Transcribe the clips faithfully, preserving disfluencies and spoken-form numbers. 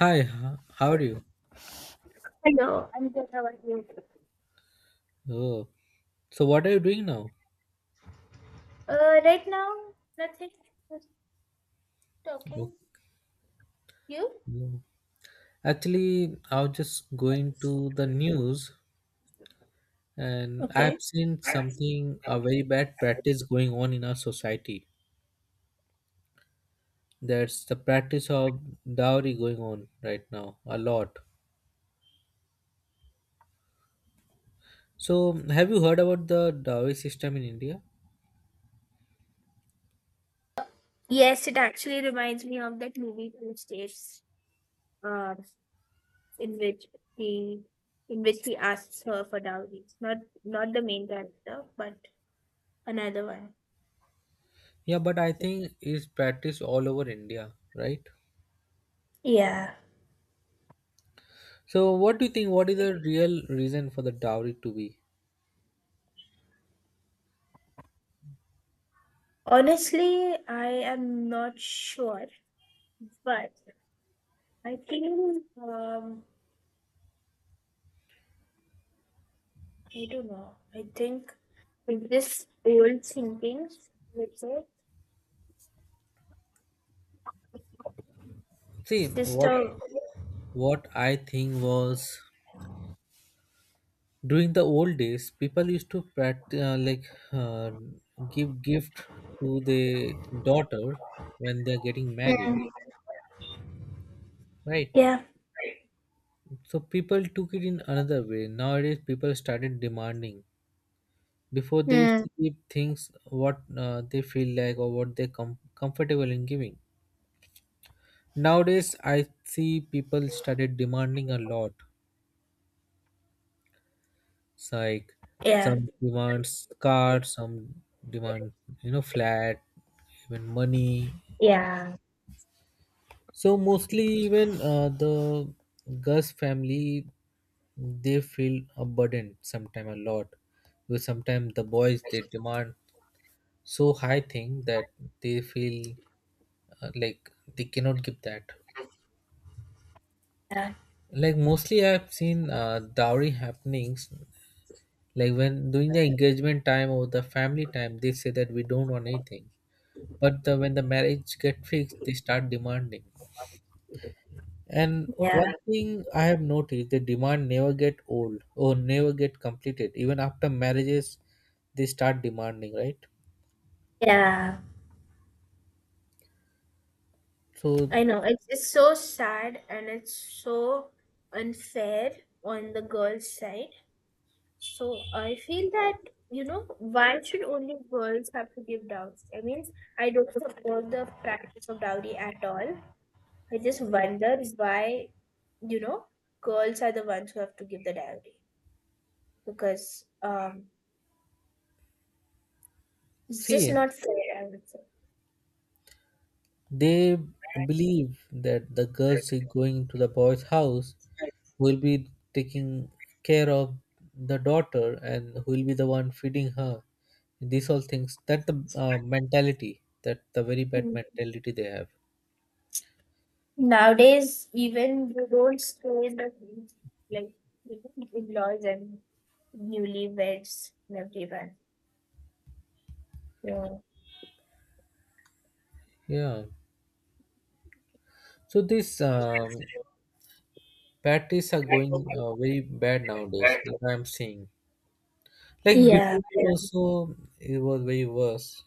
Hi, h- how are you? Hello, I'm good. How are you? Oh, so what are you doing now? Uh, right now, nothing. Just Oh, talking. You? no. Actually, I was just going to the news and I've Okay. seen something, a very bad practice going on in our society. There's the practice of dowry going on right now, a lot. So, have you heard about the dowry system in India? Yes, it actually reminds me of that movie Two States, uh, in which he, in which he asks her for dowry. Not, not the main character, but another one. Yeah, but I think it's practiced all over India, right? Yeah. So, what do you think? What is the real reason for the dowry to be? Honestly, I am not sure, but I think, um, I don't know. I think with this old thinking, let's say, See, what sister. what I think was during the old days, people used to practice uh, like uh, give gift to the daughter when they're getting married, Mm, right? yeah. So people took it in another way. Nowadays, people started demanding. Before they used Mm, to give things what uh, they feel like or what they're com- comfortable in giving. Nowadays, I see people started demanding a lot. It's like yeah. some demands car, some demand, you know flat, even money. Yeah. So mostly even uh, the Gus family, they feel a burden sometime a lot because sometimes the boys they demand so high thing that they feel, uh, like they cannot give that. Yeah. Like mostly I've seen uh, dowry happenings, like when during the engagement time or the family time they say that we don't want anything, but the, when the marriage get fixed they start demanding. And Yeah. one thing I have noticed, the demand never get old or never get completed even after marriages, they start demanding, right? Yeah. So I know. It's it's so sad and it's so unfair on the girls' side. So I feel that, you know, why should only girls have to give doubts? I mean, I don't support the practice of dowry at all. I just wonder why, you know, girls are the ones who have to give the dowry. Because um it's just see, not fair, I would say. they believe that the girls is going to the boy's house, will be taking care of the daughter, and who will be the one feeding her. These all things, that the uh, mentality, that the very bad mentality they have. Nowadays, even you don't stay in the heat, like in-laws and newlyweds and everyone. Yeah. Yeah. So this um, patties are going uh, very bad nowadays. What I'm seeing, like Yeah. before also, it was very worse.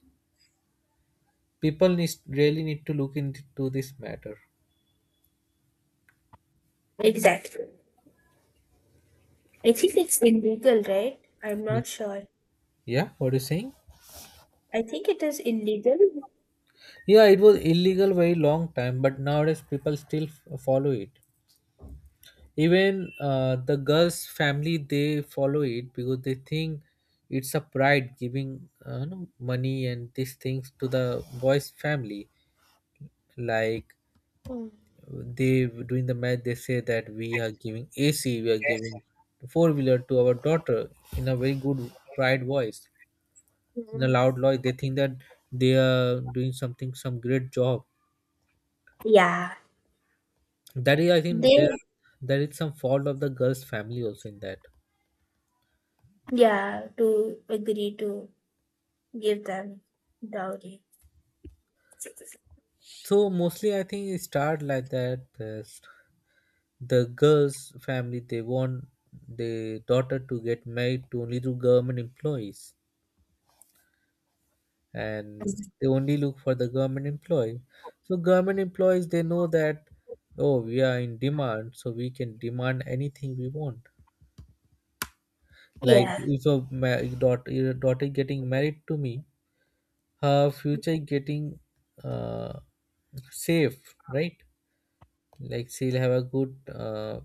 People need, really need to look into this matter. Exactly. I think it's illegal, right? I'm Yeah. not sure. Yeah, what you saying? I think it is illegal. Yeah, it was illegal very long time, but nowadays people still f- follow it. Even uh, the girls' family they follow it because they think it's a pride giving, uh, you know, money and these things to the boys' family. Like, they during the match they say that we are giving A C, we are giving four wheeler to our daughter, in a very good pride voice, in a Mhm. loud voice. They think that they are doing something, some great job. Yeah. That is, I think They, there there is some fault of the girl's family also in that. yeah, to agree to give them dowry. So mostly, I think it start like that. The, the girl's family they want the daughter to get married to only to government employees, and they only look for the government employee. So government employees they know that, oh, we are in demand, so we can demand anything we want. Like Yeah. if a ma- daugh- your daughter getting married to me, her future getting, uh, safe, right? Like she'll have a good, uh,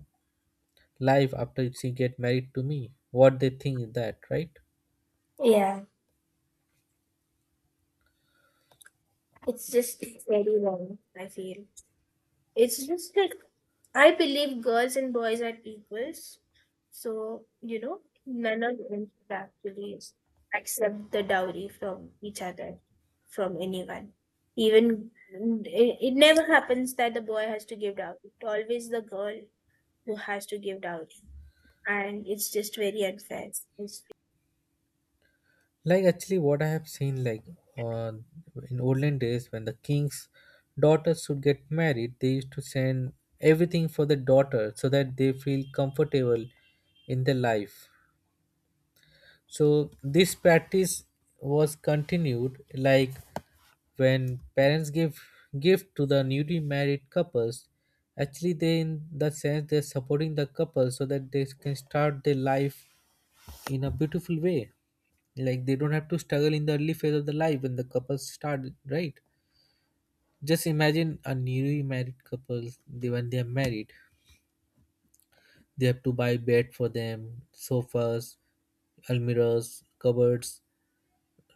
life after she get married to me, what they think is that, right? Yeah. It's just very wrong, I feel. It's just like I believe girls and boys are equals. So, you know, none of them should actually accept the dowry from each other, from anyone. Even it, it never happens that the boy has to give dowry. It's always the girl who has to give dowry. And it's just very unfair. It's, Like actually, what I have seen, like on, in olden days when the king's daughters should get married, they used to send everything for the daughter so that they feel comfortable in their life. So this practice was continued, like when parents give gift to the newly married couples. Actually, they in the sense they're supporting the couple so that they can start their life in a beautiful way. Like they don't have to struggle in the early phase of the life when the couples start, right? Just imagine a newly married couple, they when they are married, they have to buy bed for them, sofas, almirahs, cupboards,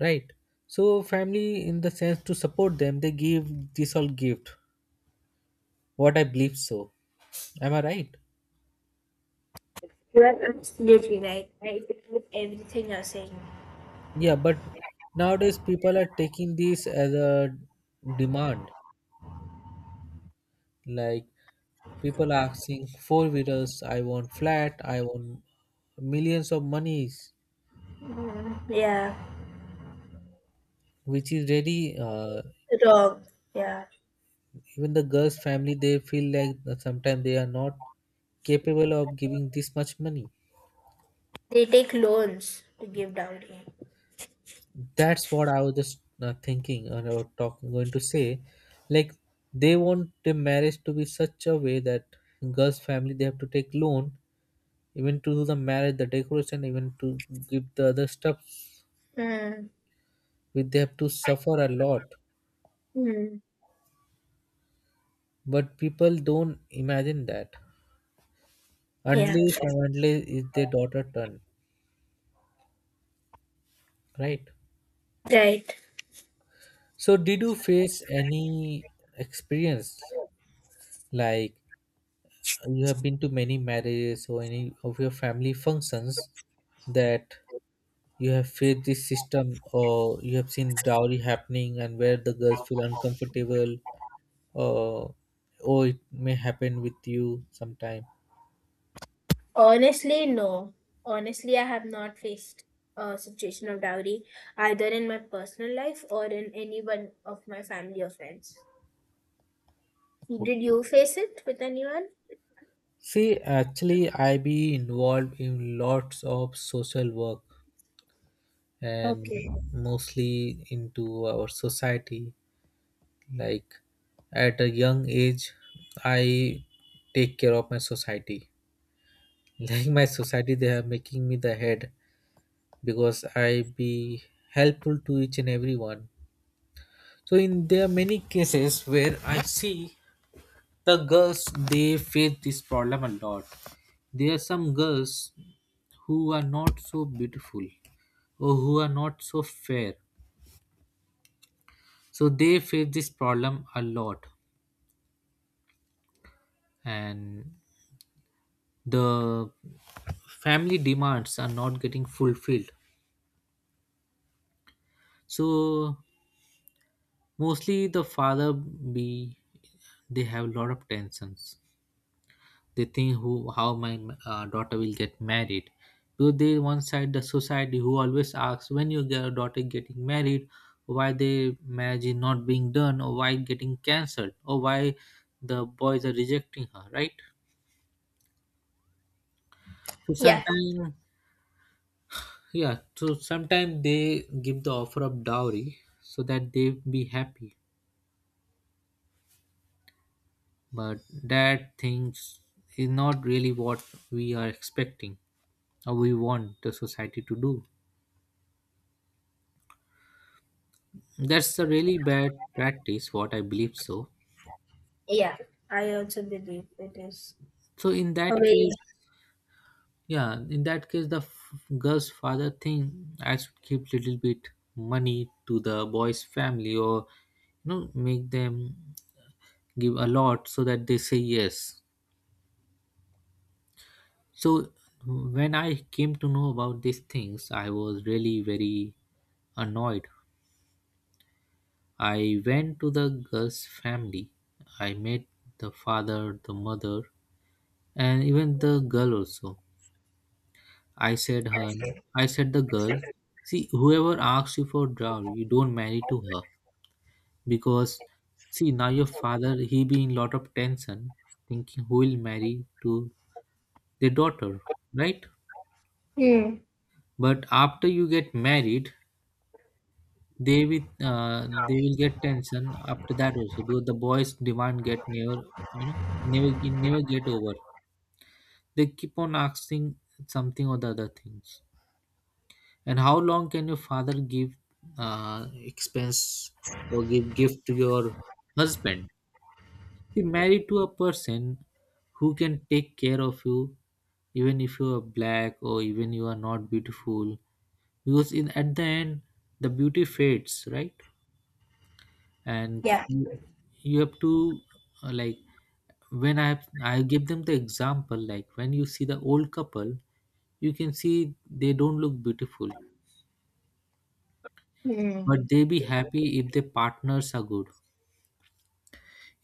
right? So family, in the sense to support them, they give this all gift, what I believe so. Am I right? you are absolutely right. I agree with everything you're saying. Yeah, but nowadays people are taking this as a demand. Like people asking four wheelers, I want flat, I want millions of monies, Mm, yeah, which is really, uh, wrong. Yeah. even the girls' family they feel like sometimes they are not capable of giving this much money. They take loans to give dowry. That's what I was just uh, thinking, and I was talking going to say, like they want the marriage to be such a way that girls' family they have to take loan even to do the marriage, the decoration, even to give the other stuff, Mm, which they have to suffer a lot. mm, But people don't imagine that yeah, unless and unless it's their daughter turn, right? right. So, did you face any experience, like you have been to many marriages or any of your family functions that you have faced this system or you have seen dowry happening and where the girls feel uncomfortable, or or it may happen with you sometime? Honestly, no. Honestly, I have not faced a situation of dowry either in my personal life or in anyone of my family or friends. Okay. Did you face it with anyone? See, actually, I be involved in lots of social work and Okay. mostly into our society. Like at a young age, I take care of my society. Like my society, they are making me the head because I be helpful to each and everyone. So in there are many cases where I see the girls they face this problem a lot. There are some girls who are not so beautiful or who are not so fair. So they face this problem a lot. And the family demands are not getting fulfilled, so mostly the father be, they have a lot of tensions. They think who, how my, uh, daughter will get married, because they one side the society who always asks, when your girl- daughter getting married, why the marriage is not being done, or why getting cancelled, or why the boys are rejecting her, right? So Yeah, sometimes, yeah, so sometimes they give the offer of dowry so that they be happy, but that things is not really what we are expecting, or we want the society to do. That's a really bad practice, what I believe so. yeah. I also believe it is So in a that way. case, yeah, in that case, the f- girl's father thing I should keep little bit money to the boy's family, or you know make them give a lot so that they say yes. So when I came to know about these things, I was really very annoyed. I went to the girl's family. I met the father, the mother, and even the girl also. I said her I said the girl, see whoever asks you for dowry, you don't marry to her, because see now your father he be in lot of tension thinking who will marry to their daughter, right? Mm, But after you get married, they with, uh, they will get tension after that also because the boys demand get never, you know, never, never get over. They keep on asking something or the other things. And how long can your father give, uh, expense or give gift to your husband? See, married to a person who can take care of you, even if you are black or even you are not beautiful, because in at the end the beauty fades, right? And yeah. you you have to, uh, like when i have i give them the example, like when you see the old couple, you can see they don't look beautiful, Mm. but they be happy if their partners are good.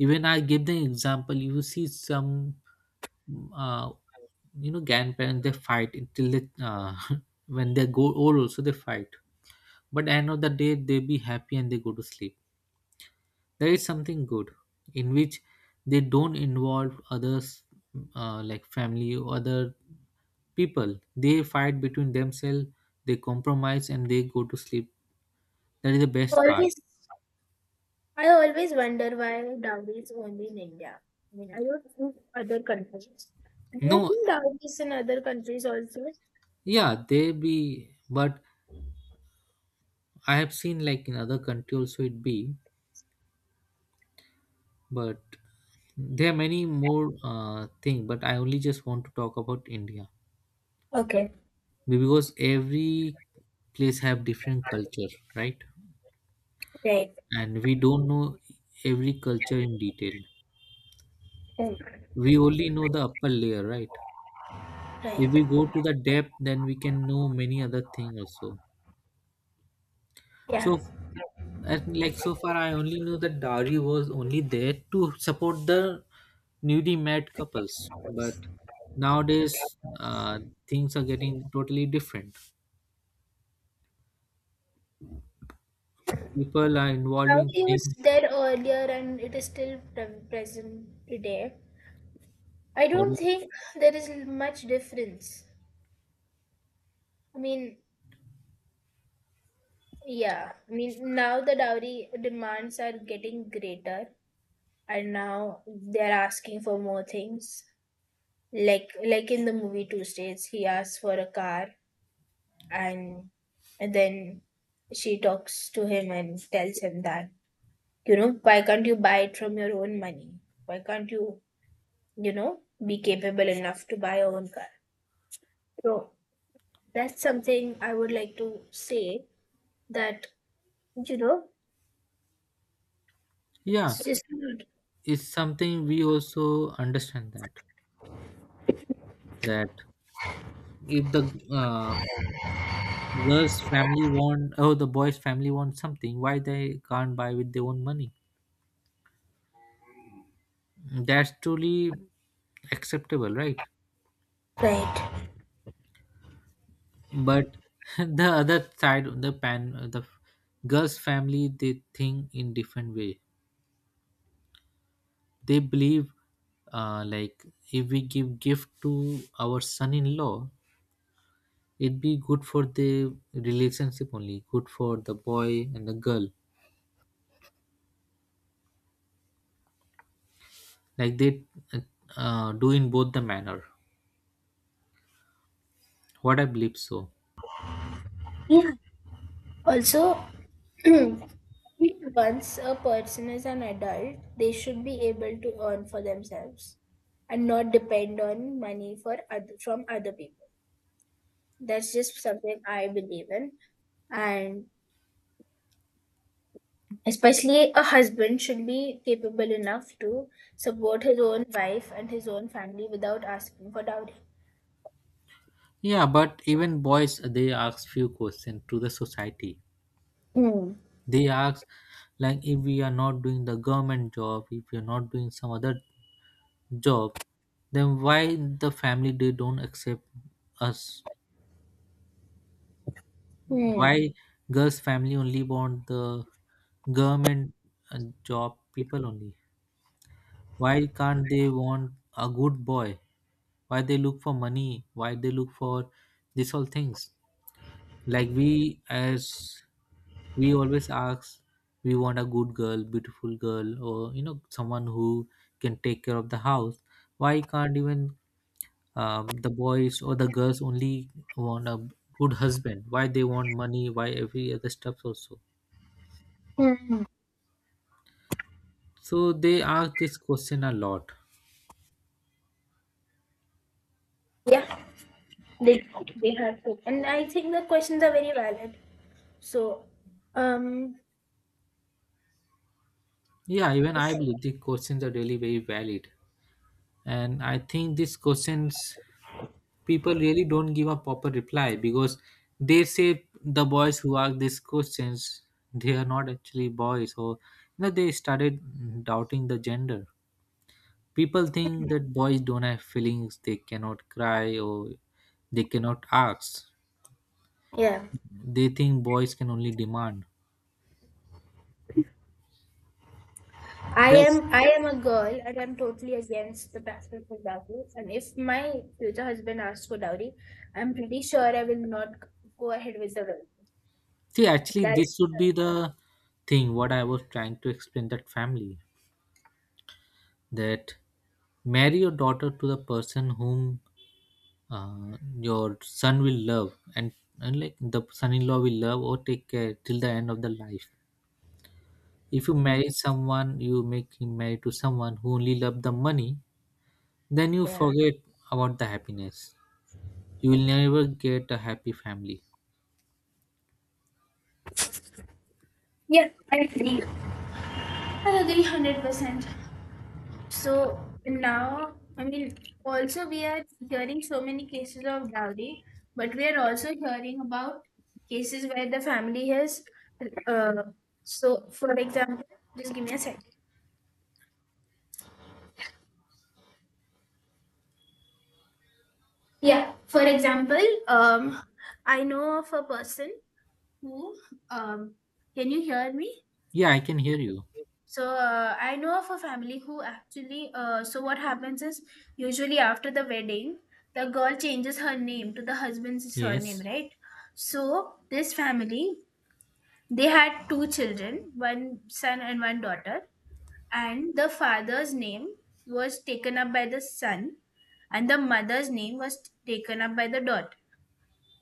Even I give them example, you see some, uh, you know grandparents they fight until they, uh, when they go old also they fight, but end of the day they be happy and they go to sleep. There is something good in which they don't involve others, uh, like family or other people. They fight between themselves, they compromise, and they go to sleep. That is the best part. Always, I always wonder why dowry is only in India. I mean, I don't think other countries. I don't No, think dowry is in other countries also. yeah, they be, but I have seen like in other country also it be, but there are many more uh, thing. But I only just want to talk about India Okay. because every place have different culture, right? Right. And we don't know every culture in detail. Mm. We only know the upper layer, right? Right. If we go to the depth then we can know many other things also. Yeah. So, and like so far I only knew that dowry was only there to support the newly married couples, but nowadays, uh, things are getting totally different. People are involving Gandhi was things dead earlier and it is still pre- present today. I for. don't think there is l- much difference. I mean, yeah. I mean, now the dowry demands are getting greater and now they're asking for more things. Like like in the movie Two States, he asks for a car and and then she talks to him and tells him that, you know, why can't you buy it from your own money? Why can't you, you know, be capable enough to buy your own car? So that's something I would like to say that, you know, Yeah, it's just not it's something we also understand that, that if the, uh, girl's family want oh the boy's family wants something, why they can't buy with their own money? That's truly acceptable, right? right. But the other side of the pan, the girl's family they think in different way. They believe, uh, like if we give gift to our son-in-law, it'd be good for the relationship, only good for the boy and the girl. Like they, uh, do in both the manner, what I believe so. Yeah. Also, once a person is an adult, they should be able to earn for themselves and not depend on money for other, from other people. That's just something I believe in. And especially a husband should be capable enough to support his own wife and his own family without asking for dowry. Yeah, but even boys, uh, they ask few questions to the society. Hmm. They ask, like, if we are not doing the government job, if we are not doing some other job, then why the family they don't accept us? Hmm. Why girls' family only want the government uh, job people only? Why can't they want a good boy? Why they look for money? Why they look for these all things? Like we, as we always ask, we want a good girl, beautiful girl, or you know someone who can take care of the house. Why can't even um, the boys or the girls only want a good husband? Why they want money? Why every other stuff also? Hmm. So they ask this question a lot. Yeah, they they have to. And I think the questions are very valid. So, um, Yeah, even I believe the questions are really very valid, and I think these questions people really don't give a proper reply, because they say the boys who ask these questions, they are not actually boys, or you know they started doubting the gender. People think that boys don't have feelings, they cannot cry or they cannot ask. yeah, They think boys can only demand. I That's. am I am a girl and I'm totally against the practice of dowry. And if my future husband asks for dowry, I'm pretty sure I will not go ahead with the wedding. See, actually That's this should be the thing what I was trying to explain, that family, that marry your daughter to the person whom uh, your son will love, and, and like the son-in-law will love or take care till the end of the life. If you Hmm. marry someone, you make him married to someone who only love the money, then you Yeah, forget about the happiness. You will never get a happy family. yeah, I agree. I agree one hundred percent. So now, I mean, also we are hearing so many cases of dowry, but we are also hearing about cases where the family has, uh, so for example, just give me a second. Yeah, for example, um, I know of a person who, um, can you hear me? Yeah, I can hear you. So uh, I know of a family who actually. Uh, so what happens is usually after the wedding, the girl changes her name to the husband's surname, Yes. right? So this family they had two children, one son and one daughter, and the father's name was taken up by the son, and the mother's name was taken up by the daughter.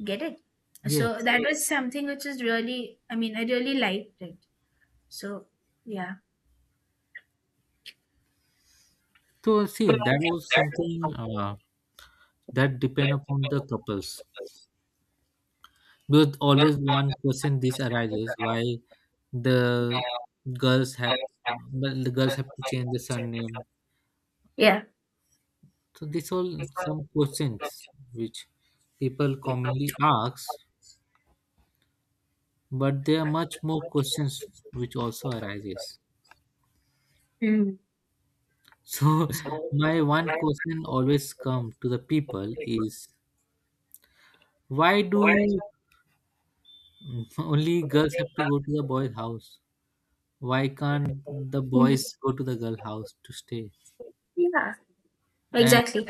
Get it? So Yes. that, yeah, was something which is really, I mean, I really liked it. So yeah, So see, that was something uh, that depend upon the couples. Because always one question this arises, why the girls have, well, the girls have to change the surname. yeah. So this all some questions which people commonly ask, but there are much more questions which also arises. Mm. So my one question always come to the people is, why do only girls have to go to the boy's house? Why can't the boys go to the girl house to stay? Yeah, And exactly.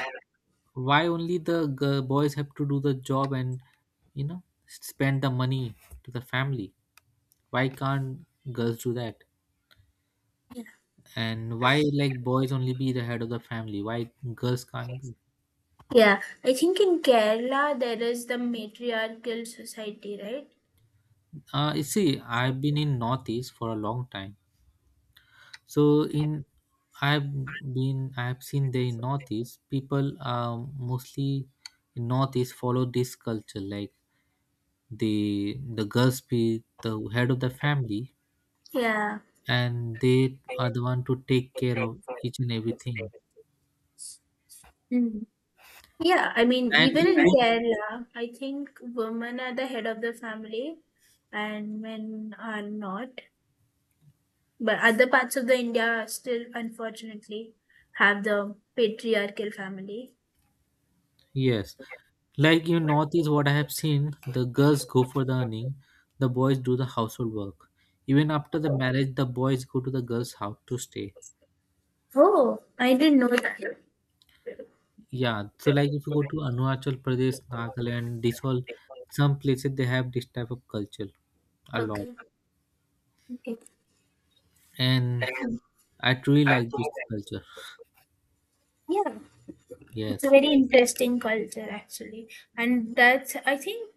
why only the g- boys have to do the job and you know spend the money to the family? Why can't girls do that? And why like boys only be the head of the family? Why girls can't be? Yeah, I think in Kerala there is the matriarchal society, right? uh you see, I've been in northeast for a long time. So in I've been I've seen there in northeast people um mostly in northeast follow this culture, like the the girls be the head of the family. Yeah. And they are the one to take care of each and everything. Mm. Yeah, I mean, And even you in would. Kerala, I think women are the head of the family and men are not. But other parts of the India still, unfortunately, have the patriarchal family. Yes. Like, you notice what I have seen, the girls go for the earning, the boys do the household work. Even after the marriage, the boys go to the girls' house to stay. Oh, I didn't know that. Yeah, so like if you go to Arunachal Pradesh, Nagaland, this all some places they have this type of culture a lot, Okay. Okay. and I truly like this culture. Yeah, it's a Yes. very interesting culture actually, and that's I think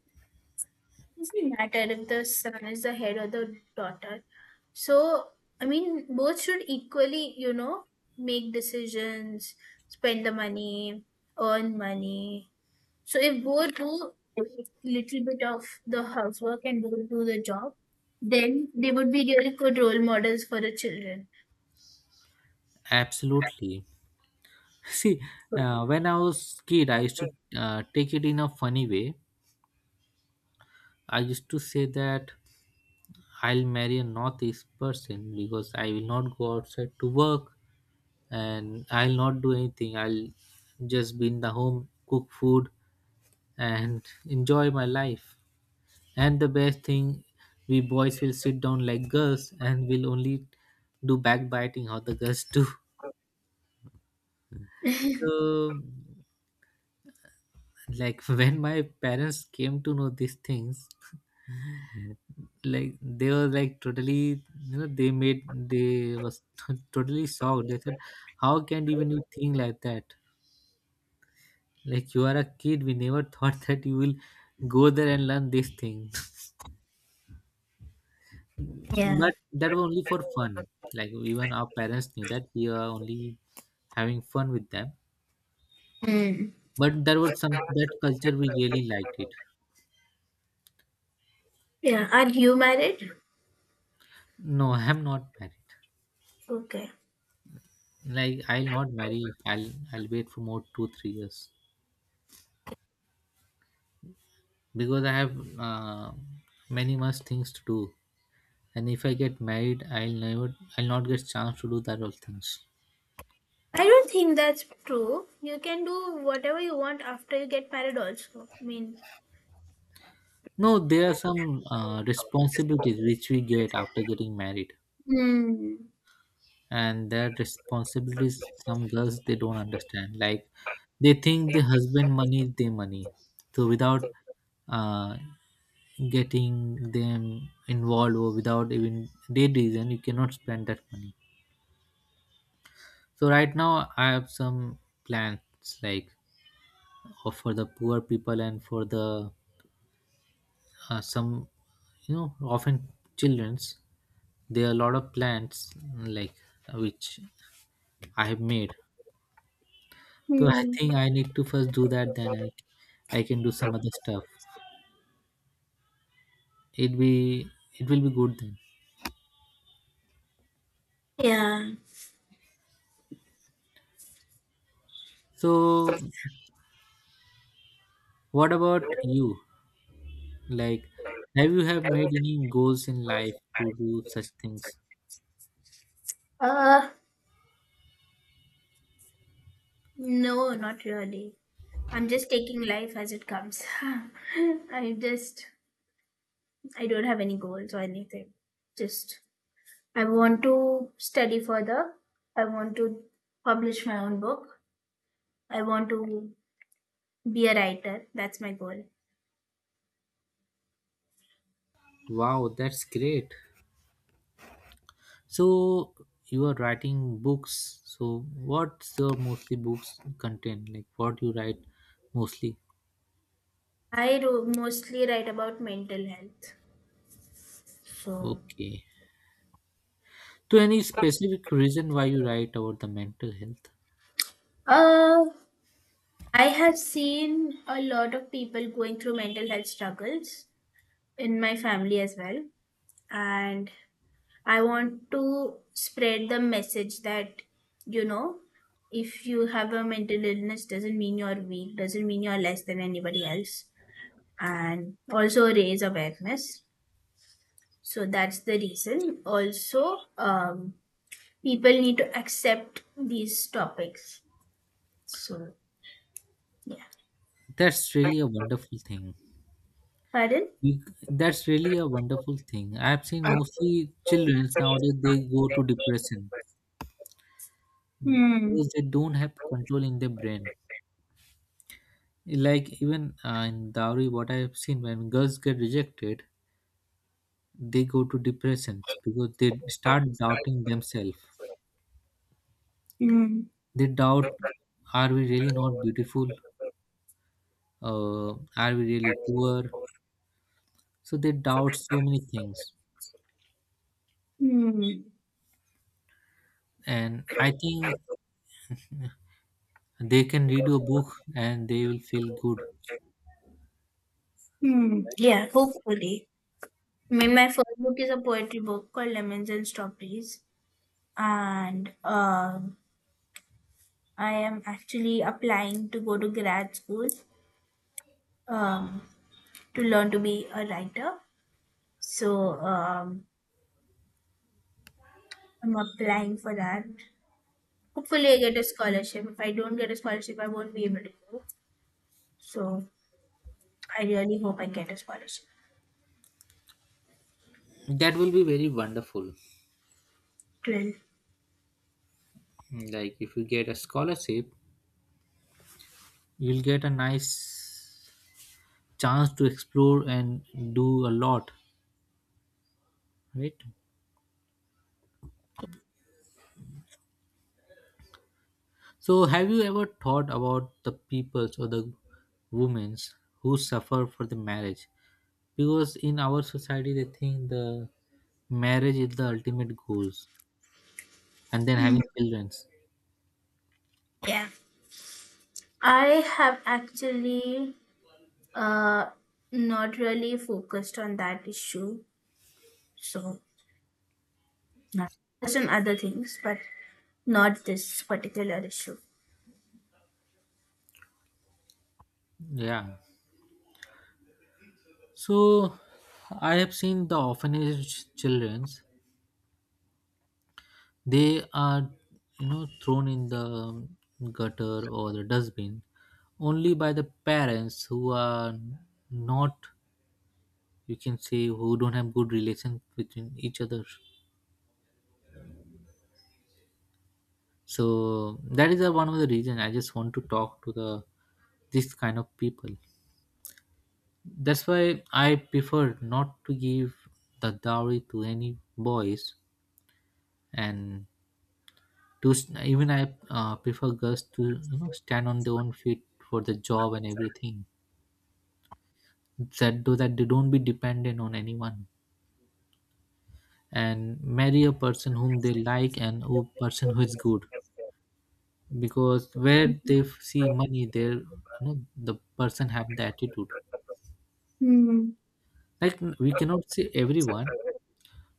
doesn't really matter if the son is the head or the daughter. So, I mean, both should equally, you know, make decisions, spend the money, earn money. So, if both do a little bit of the housework and both do the job, then they would be really good role models for the children. Absolutely. See, uh, when I was kid, I used to uh, take it in a funny way. I used to say that I'll marry a northeast person because I will not go outside to work and I'll not do anything. I'll just be in the home, cook food, and enjoy my life. And the best thing, we boys will sit down like girls and we'll only do backbiting how the girls do. So, like when my parents came to know these things, like they were like totally you know they made they was totally shocked. They said, how can even you think like that? Like, you are a kid, we never thought that you will go there and learn this thing Yeah. but that was only for fun. Like, even our parents knew that we are only having fun with them. Mm. But there was some, that culture we really liked it. Yeah, are you married? No, I'm not married. Okay. Like, I'll not marry, i'll i'll wait for more two three years, because I have uh, many much things to do, and if I get married, I'll never, I'll not get chance to do that all things. I don't think that's true. You can do whatever you want after you get married, also. I mean, No, there are some uh, responsibilities which we get after getting married, hmm. and their responsibilities. Some girls they don't understand. Like, they think the husband money is their money, so without uh, getting them involved or without even their reason, you cannot spend that money. So right now I have some plans, like or for the poor people and for the uh, some you know often childrens. There are a lot of plants, mm, like uh, which I have made. So I Hmm. think I need to first do that, then i i can do some other stuff. it be it will be good then. Yeah. So what about you? Like, have you have made any goals in life to do such things? Uh, no, not really. I'm just taking life as it comes. I just, I don't have any goals or anything. Just, I want to study further. I want to publish my own book. I want to be a writer. That's my goal. Wow, that's great. So you are writing books. So what's your mostly books content? Like what you write mostly? I do mostly write about mental health. So, Okay. So any specific reason why you write about the mental health? uh, I have seen a lot of people going through mental health struggles in my family as well, and I want to spread the message that, you know, if you have a mental illness doesn't mean you're weak, doesn't mean you're less than anybody else, and also raise awareness. So that's the reason also, um, people need to accept these topics. So yeah. That's really a wonderful thing. Pardon? You- That's really a wonderful thing. I've seen mostly children nowadays, they go to depression Hmm. because they don't have control in their brain. Like, even uh, in dowry, what I've seen, when girls get rejected, they go to depressions because they start doubting themselves. Hmm. They doubt, are we really not beautiful? uh, are we really poor? So they doubt so many things. Hmm. And I think they can read your book and they will feel good. Hmm, yeah, hopefully. I mean, my first book is a poetry book called Lemons and Strawberries, and um, I am actually applying to go to grad school, um, to learn to be a writer. So um, I'm applying for that. Hopefully, I get a scholarship. If I don't get a scholarship, I won't be able to go. So I really hope I get a scholarship. That will be very wonderful. Twelve. Like, if you get a scholarship, you'll get a nice chance to explore and do a lot, right? So, have you ever thought about the peoples or the women who suffer for the marriage? Because in our society, they think the marriage is the ultimate goals, and then Mm. having children. Yeah, I have actually uh, not really focused on that issue. So. Yeah. There's some other things, but not this particular issue. Yeah. So, I have seen the orphanage childrens. They are, you know, thrown in the gutter or the dustbin only by the parents who are not, you can say, who don't have good relation between each other. So that is the one of the reason I just want to talk to the this kind of people. That's why I prefer not to give the dowry to any boys, and to s- even I uh, prefer girls to you know stand on their own feet for the job and everything, that do, that they don't be dependent on anyone, and marry a person whom they like and a person who is good, because where they f- see money there, you know the person have the attitude. Hmm. Like, n- we cannot say everyone,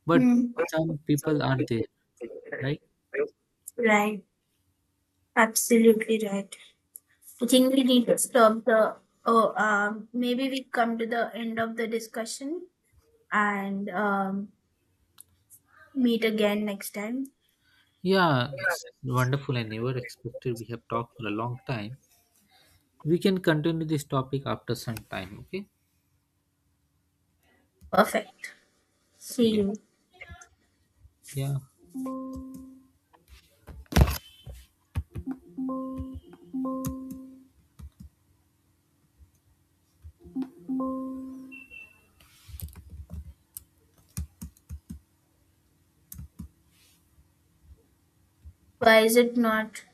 but Hmm. some people are there, right? Right. Absolutely right. I think we need to stop the. Oh, um, maybe we come to the end of the discussion and um, meet again next time. Yeah, it's wonderful. I never expected we have talked for a long time. We can continue this topic after some time, okay? Perfect. See Yeah. you. Yeah. Why is it not